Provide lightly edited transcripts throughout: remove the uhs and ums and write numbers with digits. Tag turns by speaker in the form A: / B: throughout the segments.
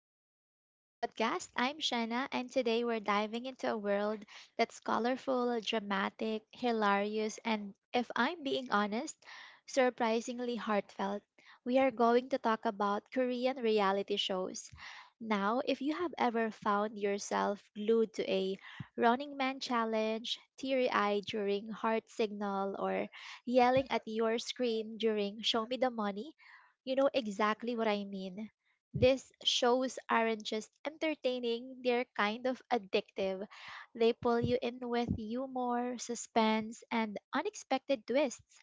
A: welcome back to the podcast. I'm Shanna, and today we're diving into a world that's colorful, dramatic, hilarious, and if I'm being honest, surprisingly heartfelt. We are going to talk about Korean reality shows. Now, if you have ever found yourself glued to a Running Man challenge, teary eyed during Heart Signal, or yelling at your screen during Show Me the Money, you know exactly what I mean. These shows aren't just entertaining, they're kind of addictive. They pull you in with humor, suspense, and unexpected twists.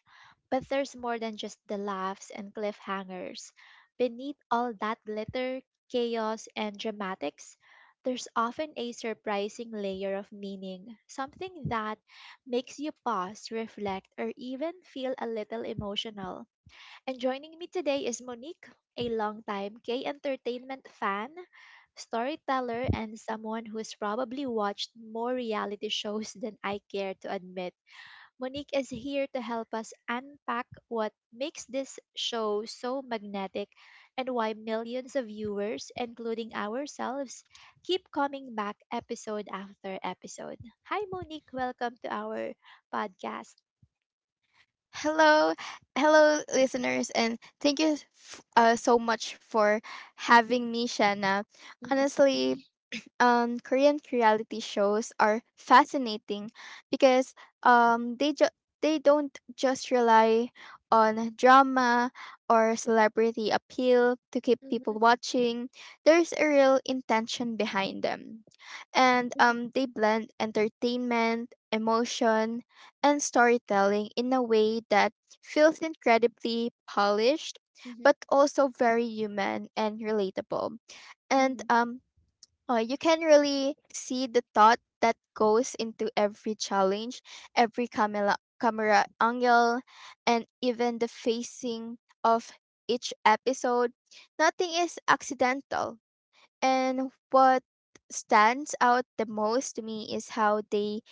A: But there's more than just the laughs and cliffhangers. Beneath all that glitter, chaos, and dramatics, there's often a surprising layer of meaning, something that makes you pause, reflect, or even feel a little emotional. And joining me today is Monique, a longtime K Entertainment fan, storyteller, and someone who's probably watched more reality shows than I care to admit. Monique is here to help us unpack what makes this show so magnetic and why millions of viewers, including ourselves, keep coming back episode after episode. Hi, Monique. Welcome to our podcast.
B: Hello, hello, listeners, and thank you so much for having me, Shanna.
A: Mm-hmm,
B: Honestly, Korean reality shows are fascinating because um, they ju- they don't just rely on drama or celebrity appeal to keep people
A: mm-hmm,
B: watching. There's a real intention behind them, and
A: mm-hmm,
B: they blend entertainment, emotion, and storytelling in a way that feels incredibly polished,
A: mm-hmm,
B: but also very human and relatable. And
A: mm-hmm.
B: Oh, you can really see the thought that goes into every challenge, every camera angle, and even the facing of each episode. Nothing is accidental. And what stands out the most to me is how they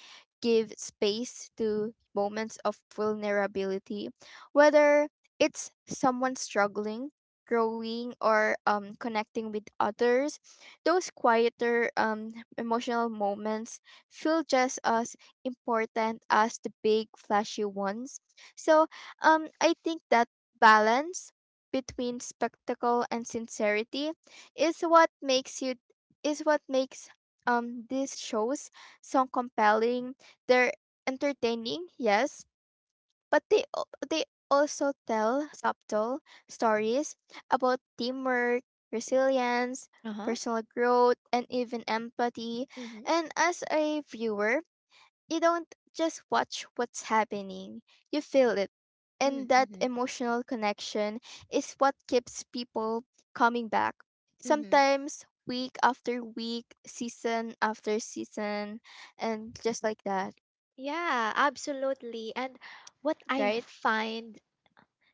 B: give space to moments of vulnerability, whether it's someone struggling, growing, or connecting with others. Those quieter emotional moments feel just as important as the big flashy ones. So I think that balance between spectacle and sincerity is what makes you is what makes these shows so compelling. They're entertaining, yes, but they also tell subtle stories about teamwork, resilience,
A: Uh-huh.
B: personal growth, and even empathy. And as a viewer, you don't just watch what's happening, you feel it. And that
A: Mm-hmm.
B: emotional connection is what keeps people coming back.
A: Mm-hmm.
B: Sometimes week after week, season after season, and just like that,
A: Yeah, absolutely. And what I
B: right?
A: find,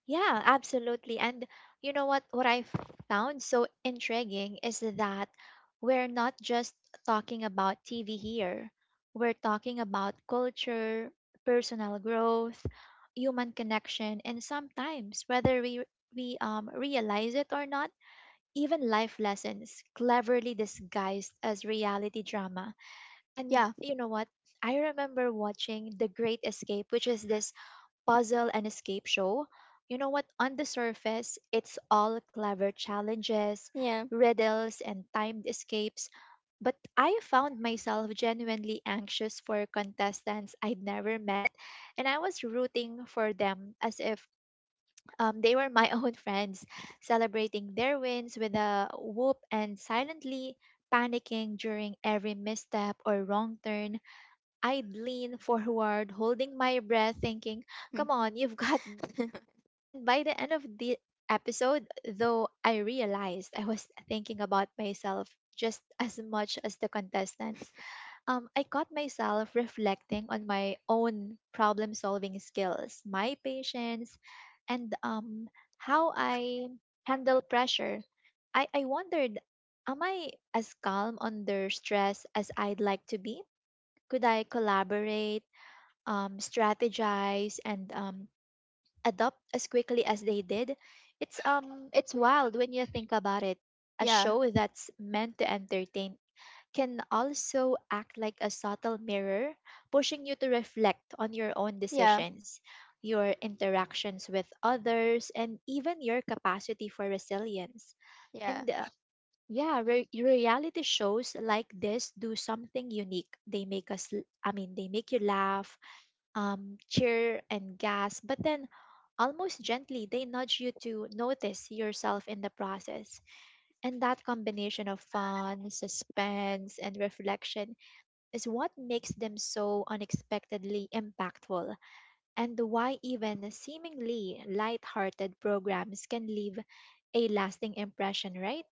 A: yeah, absolutely. And you know what I found so intriguing is that we're not just talking about TV here. We're talking about culture, personal growth, human connection, and sometimes, whether we realize it or not, even life lessons cleverly disguised as reality drama. And
B: Yeah,
A: you know what? I remember watching The Great Escape, which is this puzzle and escape show. You know what? On the surface, it's all clever challenges,
B: yeah,
A: riddles, and timed escapes. But I found myself genuinely anxious for contestants I'd never met, and I was rooting for them as if they were my own friends, celebrating their wins with a whoop and silently panicking during every misstep or wrong turn. I'd lean forward, holding my breath, thinking, come on, you've got this. And by the end of the episode, though, I realized I was thinking about myself just as much as the contestants. I caught myself reflecting on my own problem solving skills, my patience, and how I handle pressure. I wondered, am I as calm under stress as I'd like to be? Could I collaborate, strategize, and adopt as quickly as they did? It's wild when you think about it. A
B: yeah,
A: show that's meant to entertain can also act like a subtle mirror, pushing you to reflect on your own
B: yeah,
A: decisions, your interactions with others, and even your capacity for resilience.
B: yeah.
A: And reality shows like this do something unique. They make us, l- I mean, they make you laugh, cheer, and gasp, but then almost gently they nudge you to notice yourself in the process. And that combination of fun, suspense, and reflection is what makes them so unexpectedly impactful, and why even seemingly light-hearted programs can leave a lasting impression, right?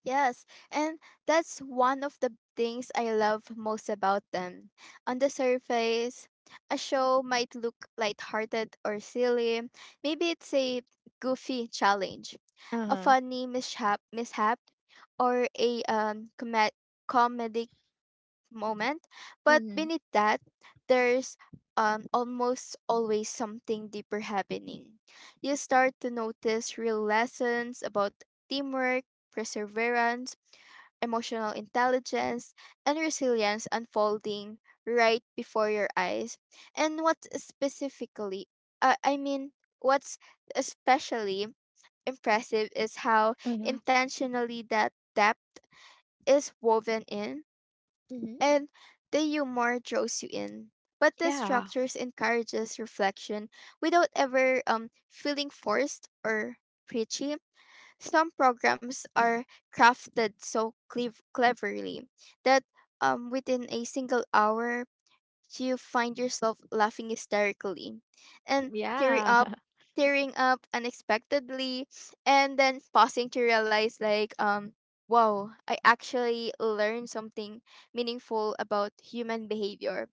B: Yes, and that's one of the things I love most about them. On the surface, a show might look lighthearted or silly. Maybe it's a goofy challenge,
A: Uh
B: a
A: huh.
B: funny mishap or a comedic moment. But
A: Hmm.
B: beneath that, there's almost always something deeper happening. You start to notice real lessons about teamwork, perseverance, emotional intelligence, and resilience unfolding right before your eyes. And what specifically, uh, I mean, what's especially impressive is how
A: Mhm.
B: intentionally that depth is woven in
A: Mhm.
B: and the humor draws you in. But the
A: Yeah.
B: structures encourages reflection without ever feeling forced or preachy. Some programs are crafted so cleverly that within a single hour you find yourself laughing hysterically and
A: Yeah.
B: tearing up unexpectedly, and then pausing to realize, like, wow, I actually learned something meaningful about human behavior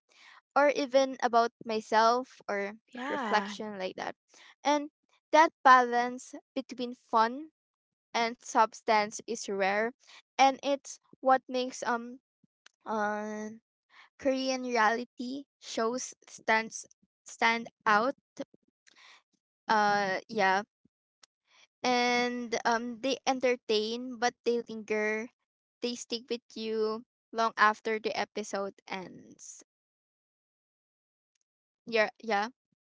B: or even about myself, or
A: Yeah.
B: reflection like that. And that balance between fun and substance is rare, and it's what makes uh. Korean reality shows stand out. Uh, yeah. And they entertain, but they linger. They stick with you long after the episode ends. Yeah, yeah,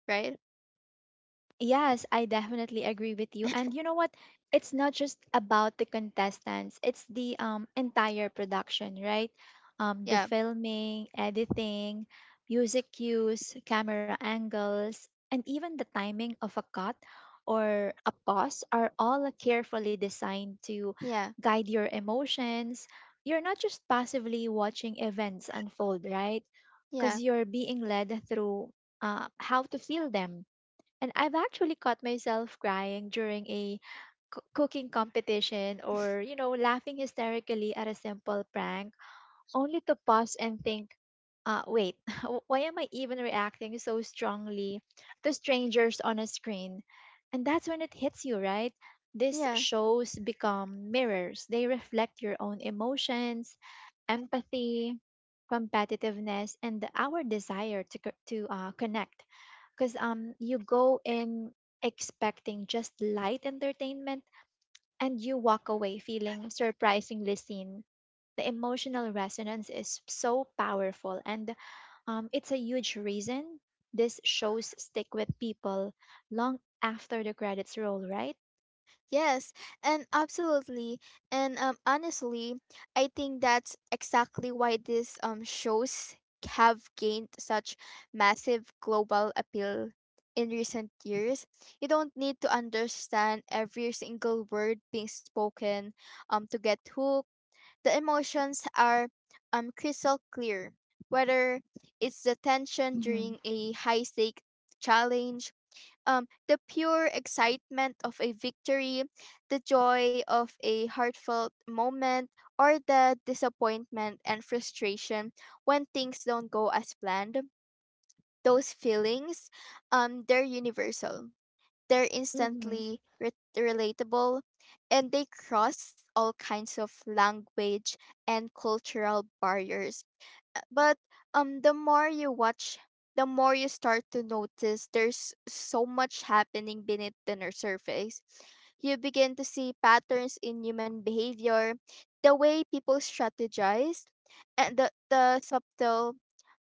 B: right?
A: Yes, I definitely agree with you. And you know what? It's not just about the contestants, it's the entire production, right? The
B: Yeah.
A: filming, editing, music cues, camera angles, and even the timing of a cut or a pause are all carefully designed to
B: Yeah.
A: guide your emotions. You're not just passively watching events unfold, right?
B: Yeah.
A: Because you're being led through how to feel them. And I've actually caught myself crying during a cooking competition or, you know, laughing hysterically at a simple prank, only to pause and think, wait, why am I even reacting so strongly to strangers on a screen? And that's when it hits you, right? These
B: Yeah.
A: shows become mirrors. They reflect your own emotions, empathy, competitiveness, and our desire to, connect. Because you go in expecting just light entertainment and you walk away feeling surprisingly seen. The emotional resonance is so powerful, and it's a huge reason these shows stick with people long after the credits roll, right?
B: Yes, and absolutely. And honestly, I think that's exactly why these shows have gained such massive global appeal in recent years. You don't need to understand every single word being spoken to get hooked. The emotions are crystal clear, whether it's the tension
A: Hmm.
B: during a high stake challenge, the pure excitement of a victory, the joy of a heartfelt moment, or the disappointment and frustration when things don't go as planned. Those feelings, they're universal. They're
A: Mm-hmm.
B: instantly relatable, and they cross all kinds of language and cultural barriers. But the more you watch, the more you start to notice there's so much happening beneath the surface. You begin to see patterns in human behavior, the way people strategize, and the subtle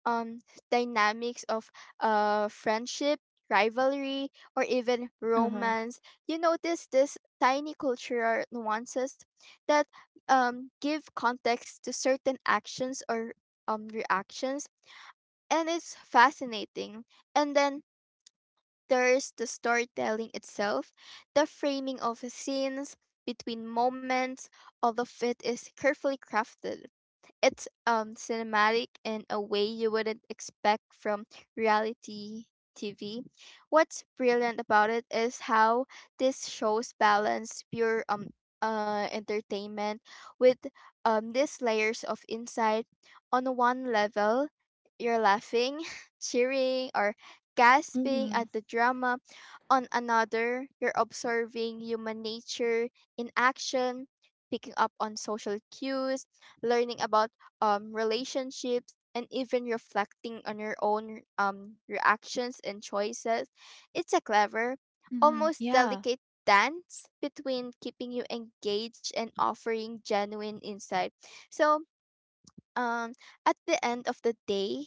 B: um dynamics of friendship, rivalry, or even
A: Uh-huh.
B: romance. You notice these tiny cultural nuances that give context to certain actions or reactions, and it's fascinating. And then there's the storytelling itself, the framing of the scenes between moments, all of it is carefully crafted. It's cinematic in a way you wouldn't expect from reality TV. What's brilliant about it is how this shows balance pure entertainment with these layers of insight. On one level, you're laughing, cheering, or gasping
A: Mm-hmm.
B: at the drama. On another, you're observing human nature in action, picking up on social cues, learning about relationships, and even reflecting on your own reactions and choices. It's a clever,
A: Mm-hmm.
B: almost
A: Yeah.
B: delicate dance between keeping you engaged and offering genuine insight. So, um at the end of the day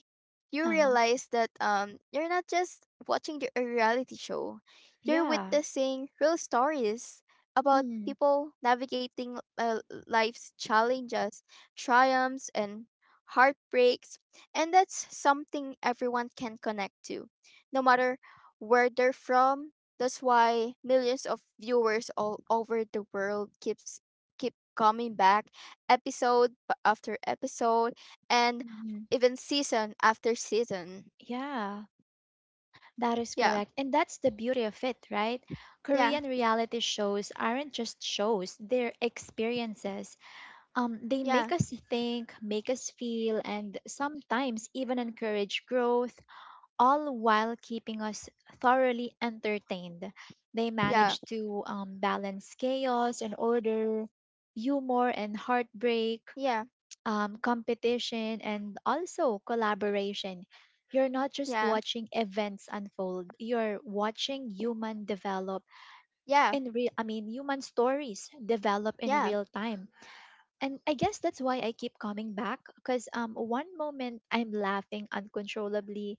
B: you
A: Uh-huh.
B: realize that you're not just watching a reality show, you're
A: Yeah.
B: witnessing real stories about
A: Mm-hmm.
B: people navigating life's challenges, triumphs, and heartbreaks. And that's something everyone can connect to, no matter where they're from. That's why millions of viewers all over the world keep coming back episode after episode and
A: Mm-hmm.
B: even season after season.
A: Yeah. That is
B: Yeah,
A: correct. And that's the beauty of it, right?
B: yeah,
A: Korean reality shows aren't just shows, they're experiences. They
B: yeah,
A: make us think, make us feel, and sometimes even encourage growth, all while keeping us thoroughly entertained. They
B: yeah,
A: manage to balance chaos and order, humor and heartbreak,
B: yeah,
A: competition, and also collaboration. You're not just
B: yeah,
A: watching events unfold, you're watching human develop
B: yeah,
A: in real, I mean, human stories develop in
B: yeah,
A: real time, and I guess that's why I keep coming back. Because one moment I'm laughing uncontrollably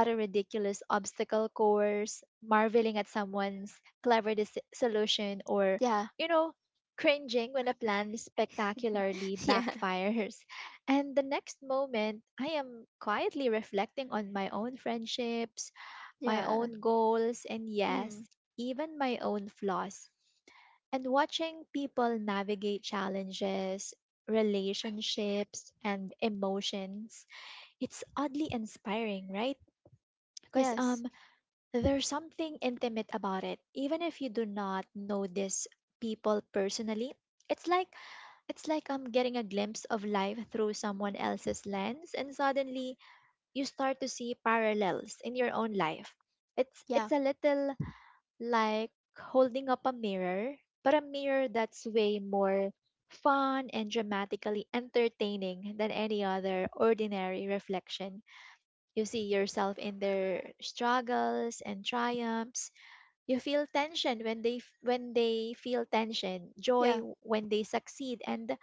A: at a ridiculous obstacle course, marveling at someone's clever solution, or
B: yeah,
A: you know, cringing when a plan spectacularly
B: yeah,
A: backfires. And the next moment, I am quietly reflecting on my own friendships, my
B: yeah.
A: own goals, and yes,
B: Hmm.
A: even my own flaws. And watching people navigate challenges, relationships, and emotions, it's oddly inspiring, right? Because
B: Yes.
A: there's something intimate about it. Even if you do not know these people personally, it's like it's like getting a glimpse of life through someone else's lens, and suddenly you start to see parallels in your own life. It's
B: Yeah.
A: it's a little like holding up a mirror, but a mirror that's way more fun and dramatically entertaining than any other ordinary reflection. You see yourself in their struggles and triumphs. You feel tension when they feel tension,
B: Yeah.
A: joy when they succeed, and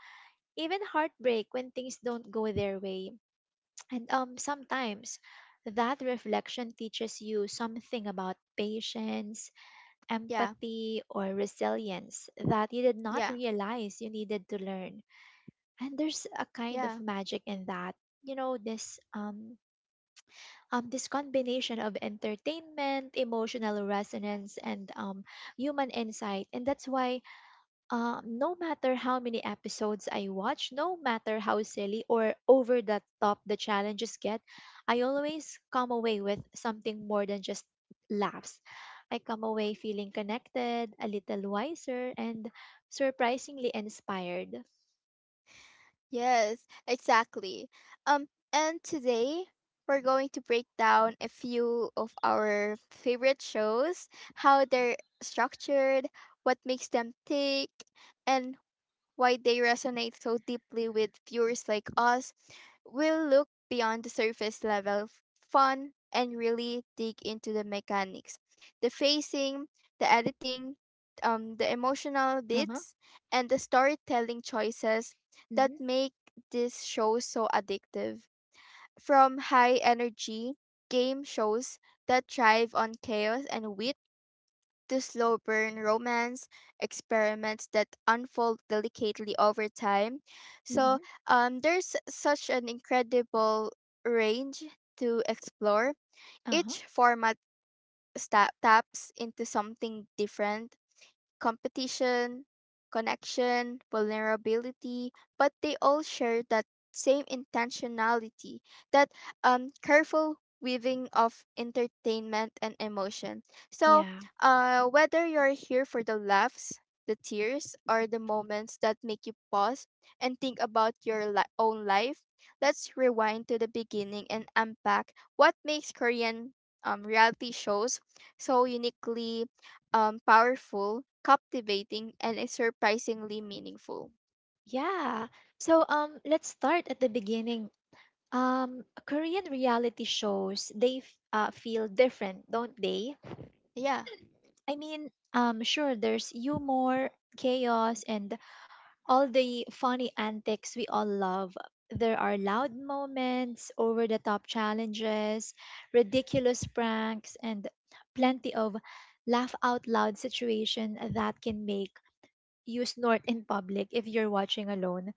A: even heartbreak when things don't go their way. And sometimes that reflection teaches you something about patience,
B: Yeah.
A: empathy, or resilience that you did
B: Yeah.
A: not realize you needed to learn. And there's a kind
B: Yeah.
A: of magic in that. You know, this this combination of entertainment, emotional resonance, and human insight. And that's why no matter how many episodes I watch, no matter how silly or over the top the challenges get, I always come away with something more than just laughs. I come away feeling connected, a little wiser, and surprisingly inspired.
B: Yes, exactly. Um, and today we're going to break down a few of our favorite shows, how they're structured, what makes them tick, and why they resonate so deeply with viewers like us. We'll look beyond the surface level fun and really dig into the mechanics, the facing, the editing, the emotional
A: Uh huh.
B: bits, and the storytelling choices
A: Mm-hmm.
B: that make this show so addictive. From high energy game shows that thrive on chaos and wit to slow burn romance experiments that unfold delicately over time. So
A: Hmm.
B: there's such an incredible range to explore.
A: Uh huh.
B: Each format taps into something different: competition, connection, vulnerability, but they all share that same intentionality, that careful weaving of entertainment and emotion. So,
A: Yeah.
B: whether you're here for the laughs, the tears, or the moments that make you pause and think about your own life, let's rewind to the beginning and unpack what makes Korean reality shows so uniquely powerful, captivating, and is surprisingly meaningful.
A: Yeah. So let's start at the beginning. Korean reality shows, feel different, don't they?
B: Yeah,
A: I mean, sure, there's humor, chaos, and all the funny antics we all love. There are loud moments, over the top challenges, ridiculous pranks, and plenty of laugh out loud situation that can make you snort in public if you're watching alone.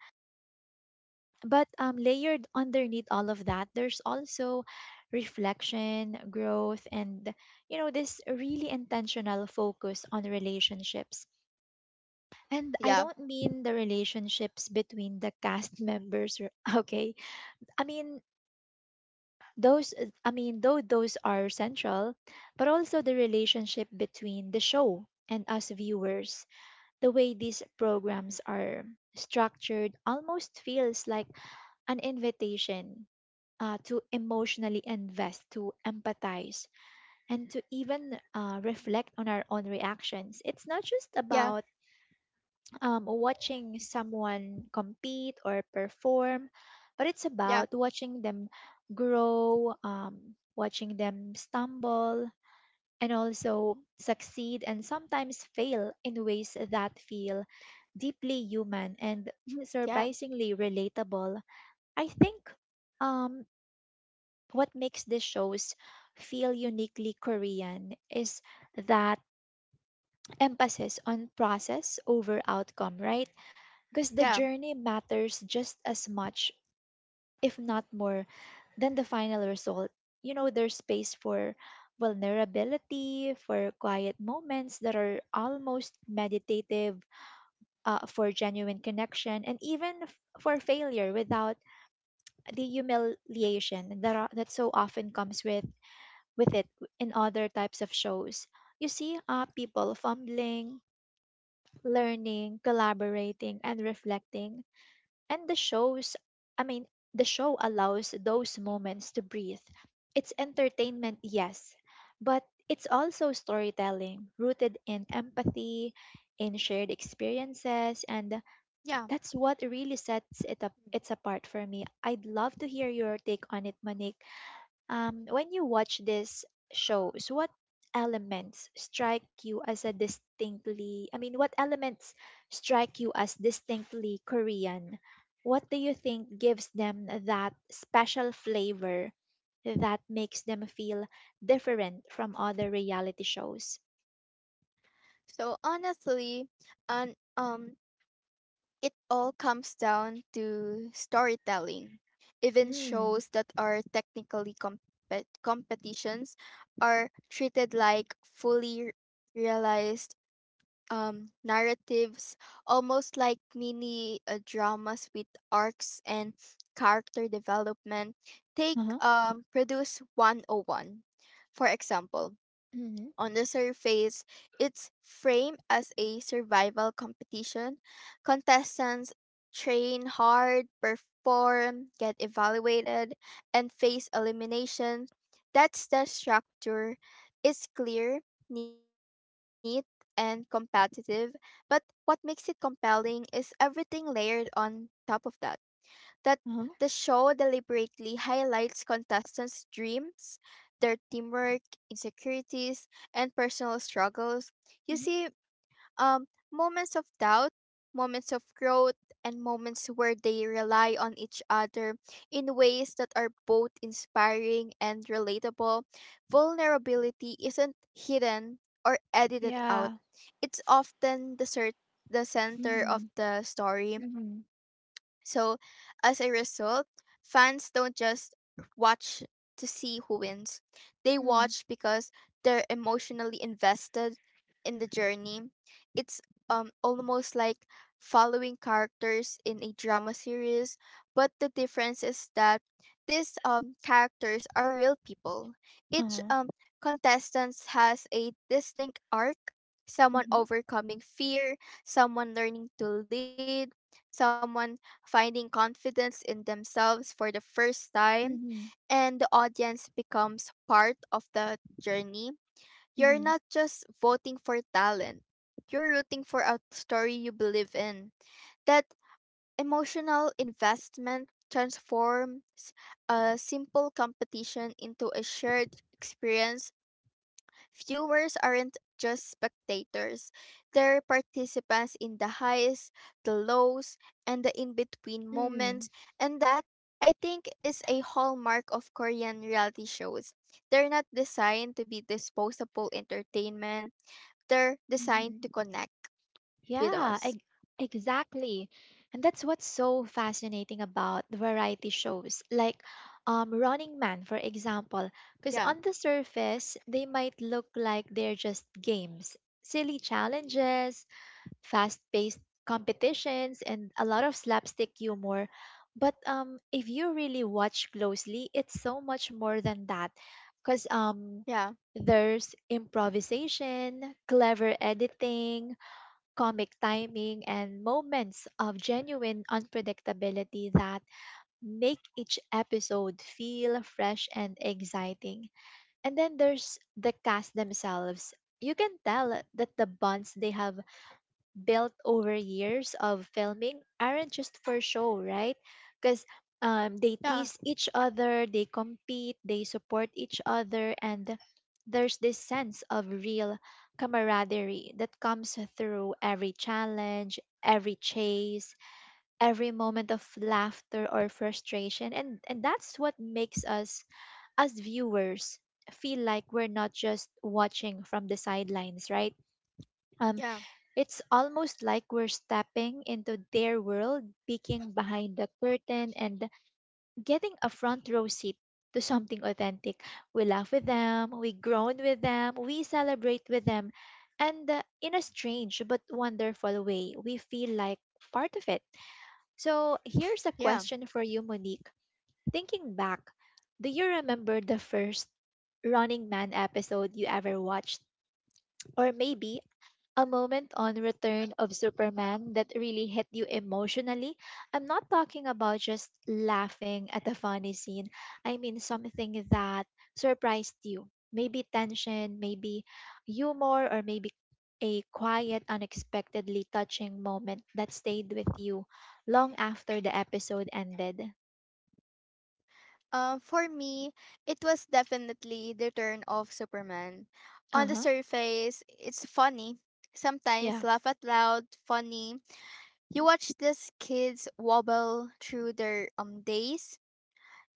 A: But layered underneath all of that, there's also reflection, growth, and you know, this really intentional focus on relationships. And I
B: yeah,
A: don't mean the relationships between the cast members, okay? I mean those though those are central, but also the relationship between the show and us viewers. The way these programs are structured almost feels like an invitation to emotionally invest, to empathize, and to even reflect on our own reactions. It's not just
B: yeah,
A: about watching someone compete or perform, but it's
B: yeah,
A: about watching them grow, watching them stumble, and also succeed and sometimes fail in ways that feel deeply human and
B: yeah,
A: surprisingly relatable. I think um, what makes these shows feel uniquely Korean is that emphasis on process over outcome, right? Because the
B: yeah,
A: journey matters just as much, if not more, than the final result. You know, there's space for vulnerability, for quiet moments that are almost meditative, for genuine connection, and even for failure without the humiliation that, are, that so often comes with it in other types of shows. You see people fumbling, learning, collaborating, and reflecting. And I mean, the show allows those moments to breathe. It's entertainment, yes, but it's also storytelling rooted in empathy, in shared experiences, and
B: yeah.
A: that's what really sets it up its apart for me. I'd love to hear your take on it, Manik. When you watch these shows, what elements strike you as a distinctly, I mean, what elements strike you as distinctly Korean? What do you think gives them that special flavor that makes them feel different from other reality shows?
B: So honestly, and it all comes down to storytelling. Even
A: Mm.
B: shows that are technically competitions are treated like fully realized narratives, almost like mini dramas with arcs and character development. Take
A: Uh-huh.
B: Produce 101, for example.
A: Mm-hmm.
B: On the surface, it's framed as a survival competition. Contestants train hard, perform, get evaluated, and face elimination. That's the structure. It's clear, neat, and competitive, but what makes it compelling is everything layered on top of that, that the
A: Uh-huh.
B: show deliberately highlights contestants' dreams, their teamwork, insecurities, and personal struggles. You
A: Mm-hmm.
B: see, um, moments of doubt, moments of growth, and moments where they rely on each other in ways that are both inspiring and relatable. Vulnerability isn't hidden or edited out.
A: Yeah.
B: It's often the center of
A: Mm-hmm.
B: the story.
A: Mm-hmm.
B: So, as a result, fans don't just watch to see who wins. They
A: Mm-hmm.
B: watch because they're emotionally invested in the journey. It's almost like following characters in a drama series, but the difference is that these characters are real people. Each
A: Uh-huh.
B: contestant has a distinct arc: someone
A: Mm-hmm.
B: overcoming fear, someone learning to lead, someone finding confidence in themselves for the first time,
A: Mm-hmm.
B: and the audience becomes part of the journey. You're not just voting for talent, you're rooting for a story you believe in. That emotional investment transforms a simple competition into a shared experience. Viewers aren't just spectators, they're participants in the highs, the lows, and the in between
A: Mm-hmm.
B: moments, and that, I think, is a hallmark of Korean reality shows. They're not designed to be disposable entertainment, they're designed
A: Mm-hmm.
B: to connect with us.
A: Yeah, exactly. And that's what's so fascinating about the variety shows, like Running Man, for example, because
B: Yeah,
A: on the surface, they might look like they're just games, silly challenges, fast paced competitions, and a lot of slapstick humor. But if you really watch closely, it's so much more than that. Because
B: yeah,
A: there's improvisation, clever editing, comic timing, and moments of genuine unpredictability that make each episode feel fresh and exciting. And then there's the cast themselves. You can tell that the bonds they have built over years of filming aren't just for show, right? Because they
B: yeah,
A: tease each other, they compete, they support each other, and there's this sense of real camaraderie that comes through every challenge, every chase, every moment of laughter or frustration. And that's what makes us, as viewers, feel like we're not just watching from the sidelines, right? Um,
B: yeah,
A: it's almost like we're stepping into their world, peeking behind the curtain and getting a front row seat to something authentic. We laugh with them, we groan with them, we celebrate with them, and in a strange but wonderful way, we feel like part of it. So here's a
B: yeah.
A: question for you, Monique. Thinking back, do you remember the first Running Man episode you ever watched? Or maybe a moment on Return of Superman that really hit you emotionally. I'm not talking about just laughing at a funny scene. I mean something that surprised you. Maybe tension, maybe humor, or maybe a quiet, unexpectedly touching moment that stayed with you long after the episode ended.
B: For me, it was definitely the turn of Superman.
A: Uh
B: On the
A: huh.
B: surface, it's funny. Sometimes
A: Yeah.
B: laugh out loud, funny. You watch these kids wobble through their days,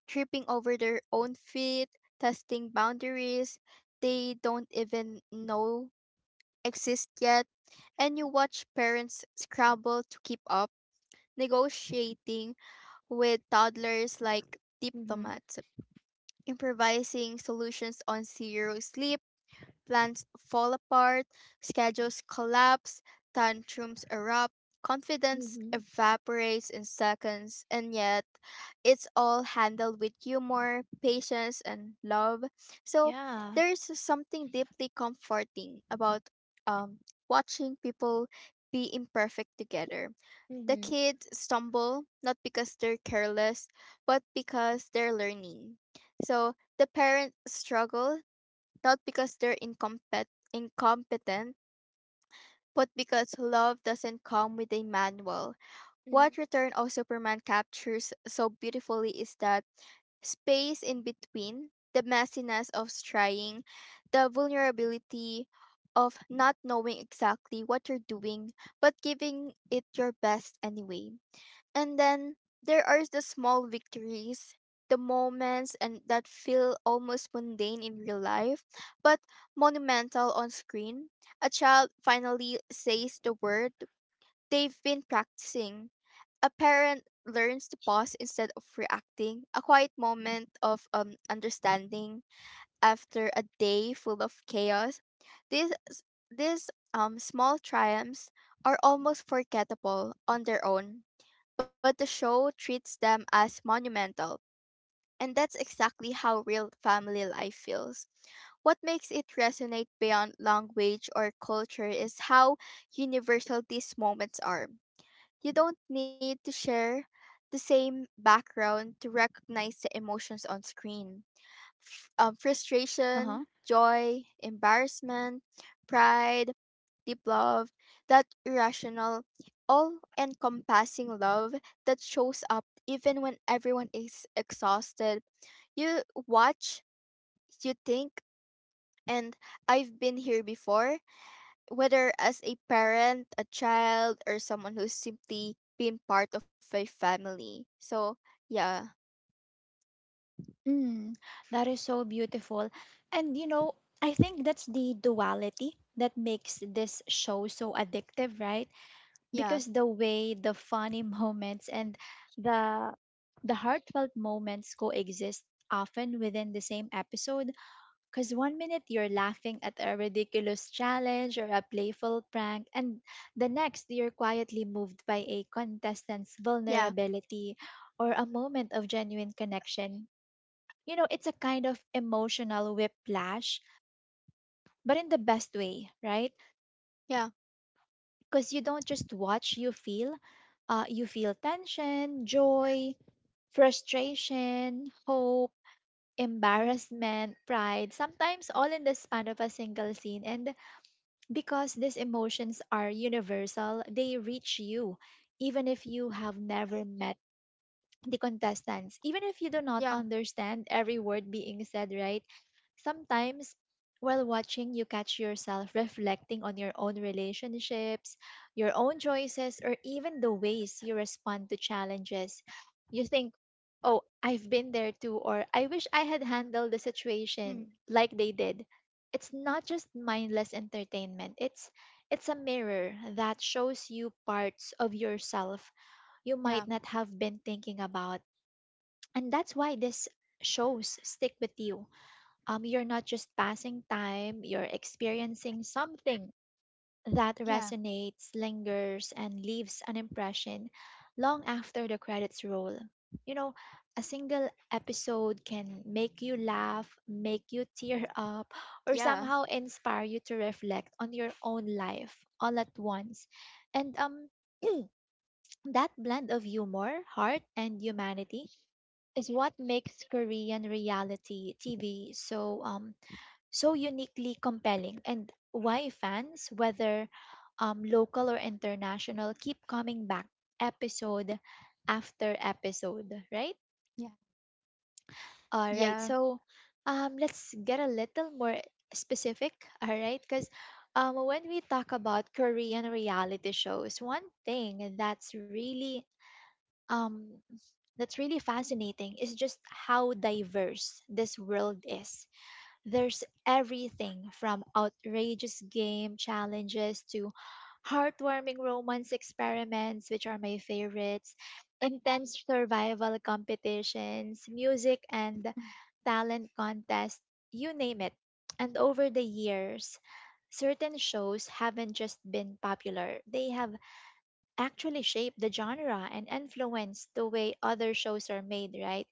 B: tripping over their own feet, testing boundaries they don't even know exist yet, and you watch parents scramble to keep up, negotiating with toddlers like
A: Mm-hmm.
B: diplomats, improvising solutions on zero sleep. Plans fall apart, schedules collapse, tantrums erupt, confidence
A: Mm-hmm.
B: evaporates in seconds, and yet it's all handled with humor, patience, and love. So
A: Yeah.
B: there's something deeply comforting about um, watching people be imperfect together. The
A: Mm-hmm.
B: kids stumble not because they're careless, but because they're learning. So the parents struggle not because they're incompetent, but because love doesn't come with a manual. What Return of Superman captures so beautifully is that space in between, the messiness of trying, the vulnerability of not knowing exactly what you're doing, but giving it your best anyway. And then there are the small victories, the moments and that feel almost mundane in real life, but monumental on screen. A child finally says the word they've been practicing. A parent learns to pause instead of reacting. A quiet moment of understanding after a day full of chaos. These small triumphs are almost forgettable on their own, but the show treats them as monumental. And that's exactly how real family life feels. What makes it resonate beyond language or culture is how universal these moments are. You don't need to share the same background to recognize the emotions on screen:
A: Uh huh.
B: frustration, joy, embarrassment, pride, deep love, that irrational, all encompassing love that shows up even when everyone is exhausted. You watch, you think, and I've been here before, whether as a parent, a child, or someone who's simply been part of a family. So, yeah,
A: Mm, that is so beautiful. And you know, I think that's the duality that makes this show so addictive, right?
B: yeah,
A: Because the way the funny moments and the the heartfelt moments coexist often within the same episode because one minute you're laughing at a ridiculous challenge or a playful prank and the next you're quietly moved by a contestant's
B: yeah,
A: vulnerability or a moment of genuine connection, you know, it's a kind of emotional whiplash, but in the best way, right?
B: yeah,
A: Because you don't just watch, you feel. You feel tension, joy, frustration, hope, embarrassment, pride, sometimes all in the span of a single scene. And because these emotions are universal, they reach you, even if you have never met the contestants. Even if you do not
B: yeah,
A: understand every word being said, right? Sometimes while watching, you catch yourself reflecting on your own relationships, your own choices, or even the ways you respond to challenges. You think, oh, I've been there too, or I wish I had handled the
B: hmm,
A: situation like they did. It's not just mindless entertainment. It's a mirror that shows you parts of yourself you
B: yeah,
A: might not have been thinking about, and that's why this shows stick with you. You're not just passing time, you're experiencing something that
B: yeah,
A: resonates, lingers, and leaves an impression long after the credits roll. You know, a single episode can make you laugh, make you tear up, or
B: yeah.
A: somehow inspire you to reflect on your own life all at once. And that blend of humor, heart, and humanity is what makes Korean reality TV so uniquely compelling, and why fans, whether local or international, keep coming back episode after episode, right?
B: Yeah.
A: All right,
B: Yeah.
A: so let's get a little more specific. All right, cuz when we talk about Korean reality shows one thing um that's really fascinating is just how diverse this world is. There's everything from outrageous game challenges to heartwarming romance experiments, which are my favorites, intense survival competitions, music and
B: Mm.
A: talent contests, you name it. And over the years, certain shows haven't just been popular, they have actually shaped the genre and influenced the way other shows are made, right?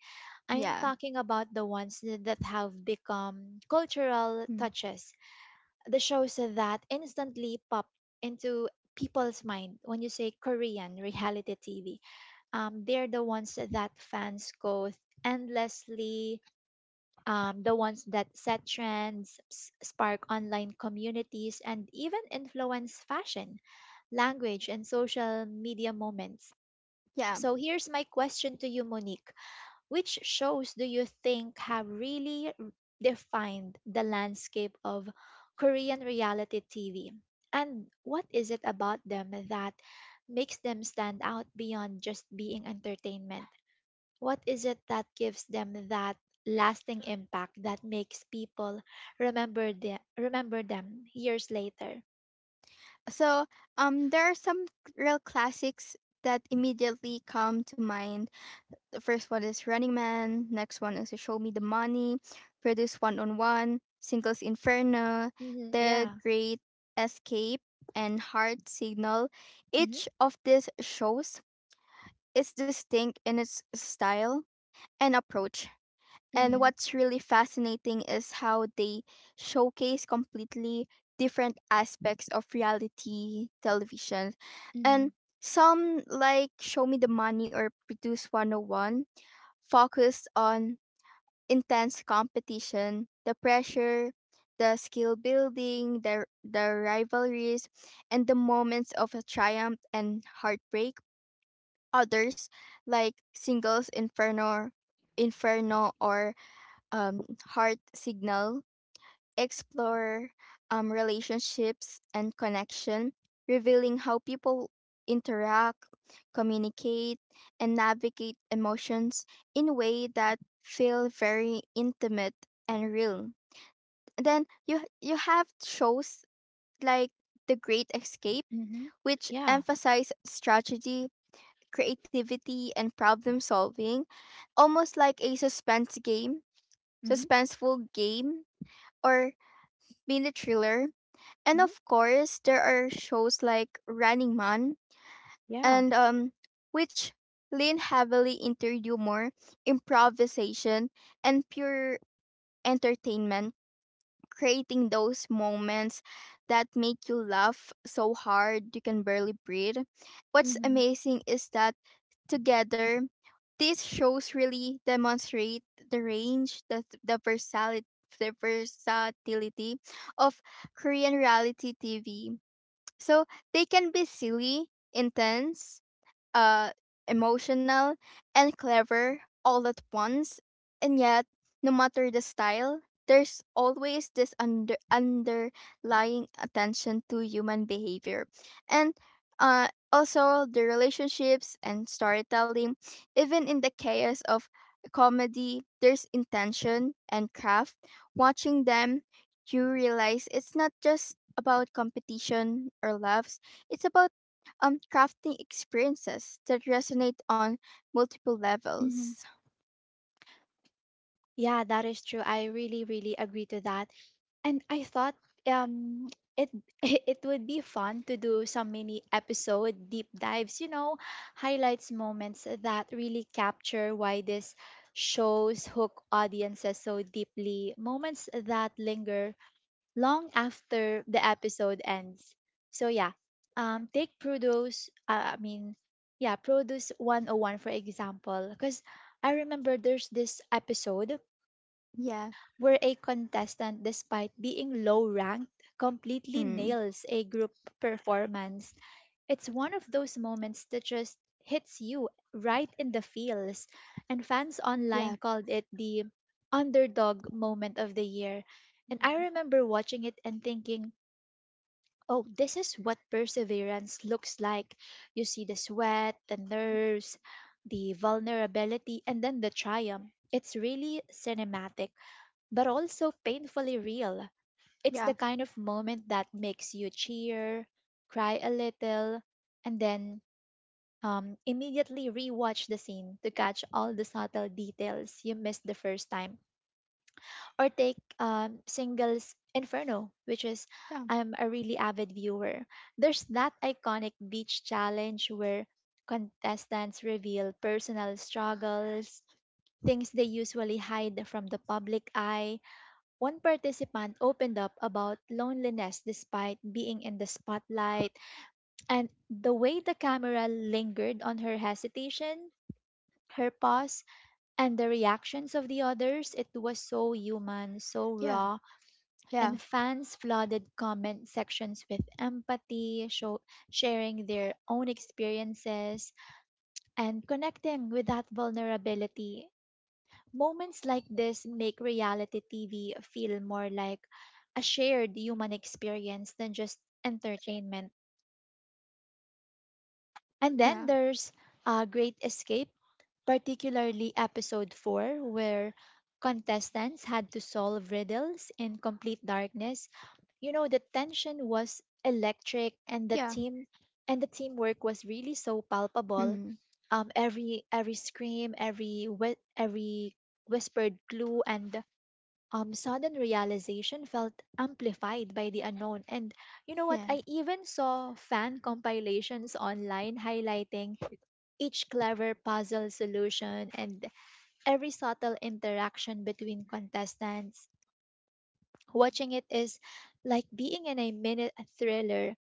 A: I'm
B: Yeah.
A: talking about the ones that have become cultural
B: Mm.
A: touches, the shows that instantly pop into people's mind when you say Korean reality TV. They're the ones that fans go endlessly, the ones that set trends, spark online communities, and even influence fashion, language, and social media moments.
B: Yeah.
A: So here's my question to you, Monique. Which shows do you think have really defined the landscape of Korean reality TV? And what is it about them that makes them stand out beyond just being entertainment? What is it that gives them that lasting impact that makes people remember them years later?
B: So there are some real classics that immediately come to mind. The first one is Running Man, next one is Show Me the Money, Produce One on One, Singles Inferno,
A: Hmm,
B: The
A: yeah.
B: Great Escape, and Heart Signal.
A: Hmm.
B: Each of these shows is distinct in its style and approach. And
A: Hmm.
B: what's really fascinating is how they showcase completely different aspects of reality television.
A: Hmm.
B: And some, like Show Me the Money or Produce 101, focus on intense competition, the pressure, the skill building, the rivalries, and the moments of triumph and heartbreak. Others, like Singles Inferno, Inferno or um, Heart Signal, explore relationships and connection, revealing how people interact, communicate, and navigate emotions in a way that feel very intimate and real. Then you have shows like The Great Escape,
A: Hmm.
B: which
A: Yeah.
B: emphasize strategy, creativity, and problem solving, almost like a suspense game,
A: Mm-hmm.
B: suspenseful game or being mainly thriller. And
A: Mm-hmm.
B: of course, there are shows like Running Man
A: Yeah.
B: and which lean heavily into humor, improvisation, and pure entertainment, creating those moments that make you laugh so hard you can barely breathe. What's
A: Mm-hmm.
B: amazing is that together, these shows really demonstrate the range, the versatility of Korean reality TV. So they can be silly, intense, uh, emotional, and clever all at once. And yet, no matter the style, there's always this underlying attention to human behavior. And also the relationships and storytelling, even in the chaos of comedy, there's intention and craft. Watching them, you realize it's not just about competition or loves, it's about crafting experiences that resonate on multiple
A: Mm-hmm.
B: levels.
A: Yeah, that is true. I really, really agree to that. And I thought um it it would be fun to do some mini episode deep dives, you know, highlights moments that really capture why this shows hook audiences so deeply, moments that linger long after the episode ends. So yeah, take produce. I mean, yeah, produce 101 for example, because I remember there's this episode
B: Yeah.
A: where a contestant, despite being low ranked, completely
B: Mm.
A: nails a group performance. It's one of those moments that just hits you right in the feels, and fans online
B: Yeah.
A: called it the underdog moment of the year. And I
B: Mm.
A: remember watching it and thinking, oh, this is what perseverance looks like. You see the sweat, the nerves, the vulnerability, and then the triumph. It's really cinematic, but also painfully real. It's the
B: Yeah.
A: kind of moment that makes you cheer, cry a little, and then immediately rewatch the scene to catch all the subtle details you missed the first time. Or take singles Inferno, which is,
B: Yeah.
A: I'm a really avid viewer. There's that iconic beach challenge where contestants reveal personal struggles, things they usually hide from the public eye. One participant opened up about loneliness despite being in the spotlight, and the way the camera lingered on her hesitation, her pause, and the reactions of the others, it was so human, so
B: Yeah.
A: raw,
B: Yeah.
A: and fans flooded comment sections with empathy, show, sharing their own experiences, and connecting with that vulnerability. Moments like this make reality TV feel more like a shared human experience than just entertainment. And then
B: Yeah.
A: there's a Great Escape, particularly episode 4, where contestants had to solve riddles in complete darkness. You know, the tension was electric and
B: Yeah.
A: the teamwork was really so palpable.
B: Mm.
A: Every scream, every whispered clue, and sudden realization felt amplified by the unknown. And you know what,
B: Yeah.
A: I even saw fan compilations online highlighting each clever puzzle solution and every subtle interaction between contestants. Watching it is like being in a minute thriller.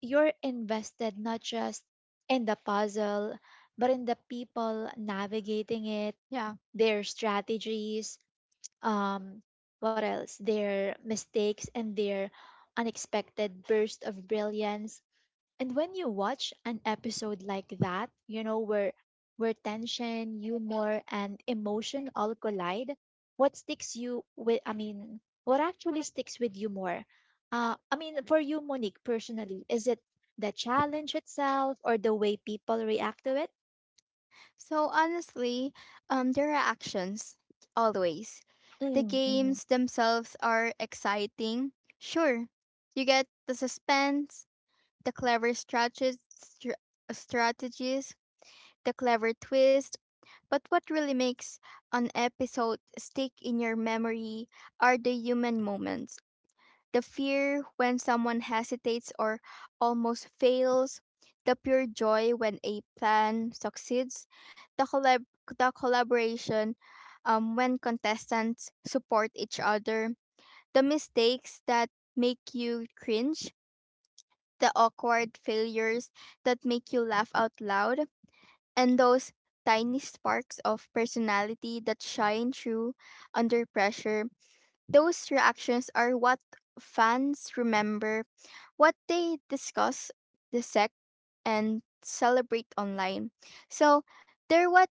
A: You're invested not just in the puzzle, but in the people navigating it,
B: Yeah.
A: their strategies, um, what else? Their mistakes and their unexpected burst of brilliance. And when you watch an episode like that, you know, where tension, humor, and emotion all collide, what sticks you with I mean, what actually sticks with you more? I mean, for you, Monique, personally, is it the challenge itself or the way people react to it?
B: So honestly, there are actions always. The
A: Mm-hmm.
B: games themselves are exciting. Sure. You get the suspense, the clever strategies, the clever twists. But what really makes an episode stick in your memory are the human moments. The fear when someone hesitates or almost fails, the pure joy when a plan succeeds, the, collab- the collaboration when contestants support each other, the mistakes that make you cringe, the awkward failures that make you laugh out loud, and those tiny sparks of personality that shine through under pressure. Those reactions are what fans remember, what they discuss, dissect, and celebrate online. So they're what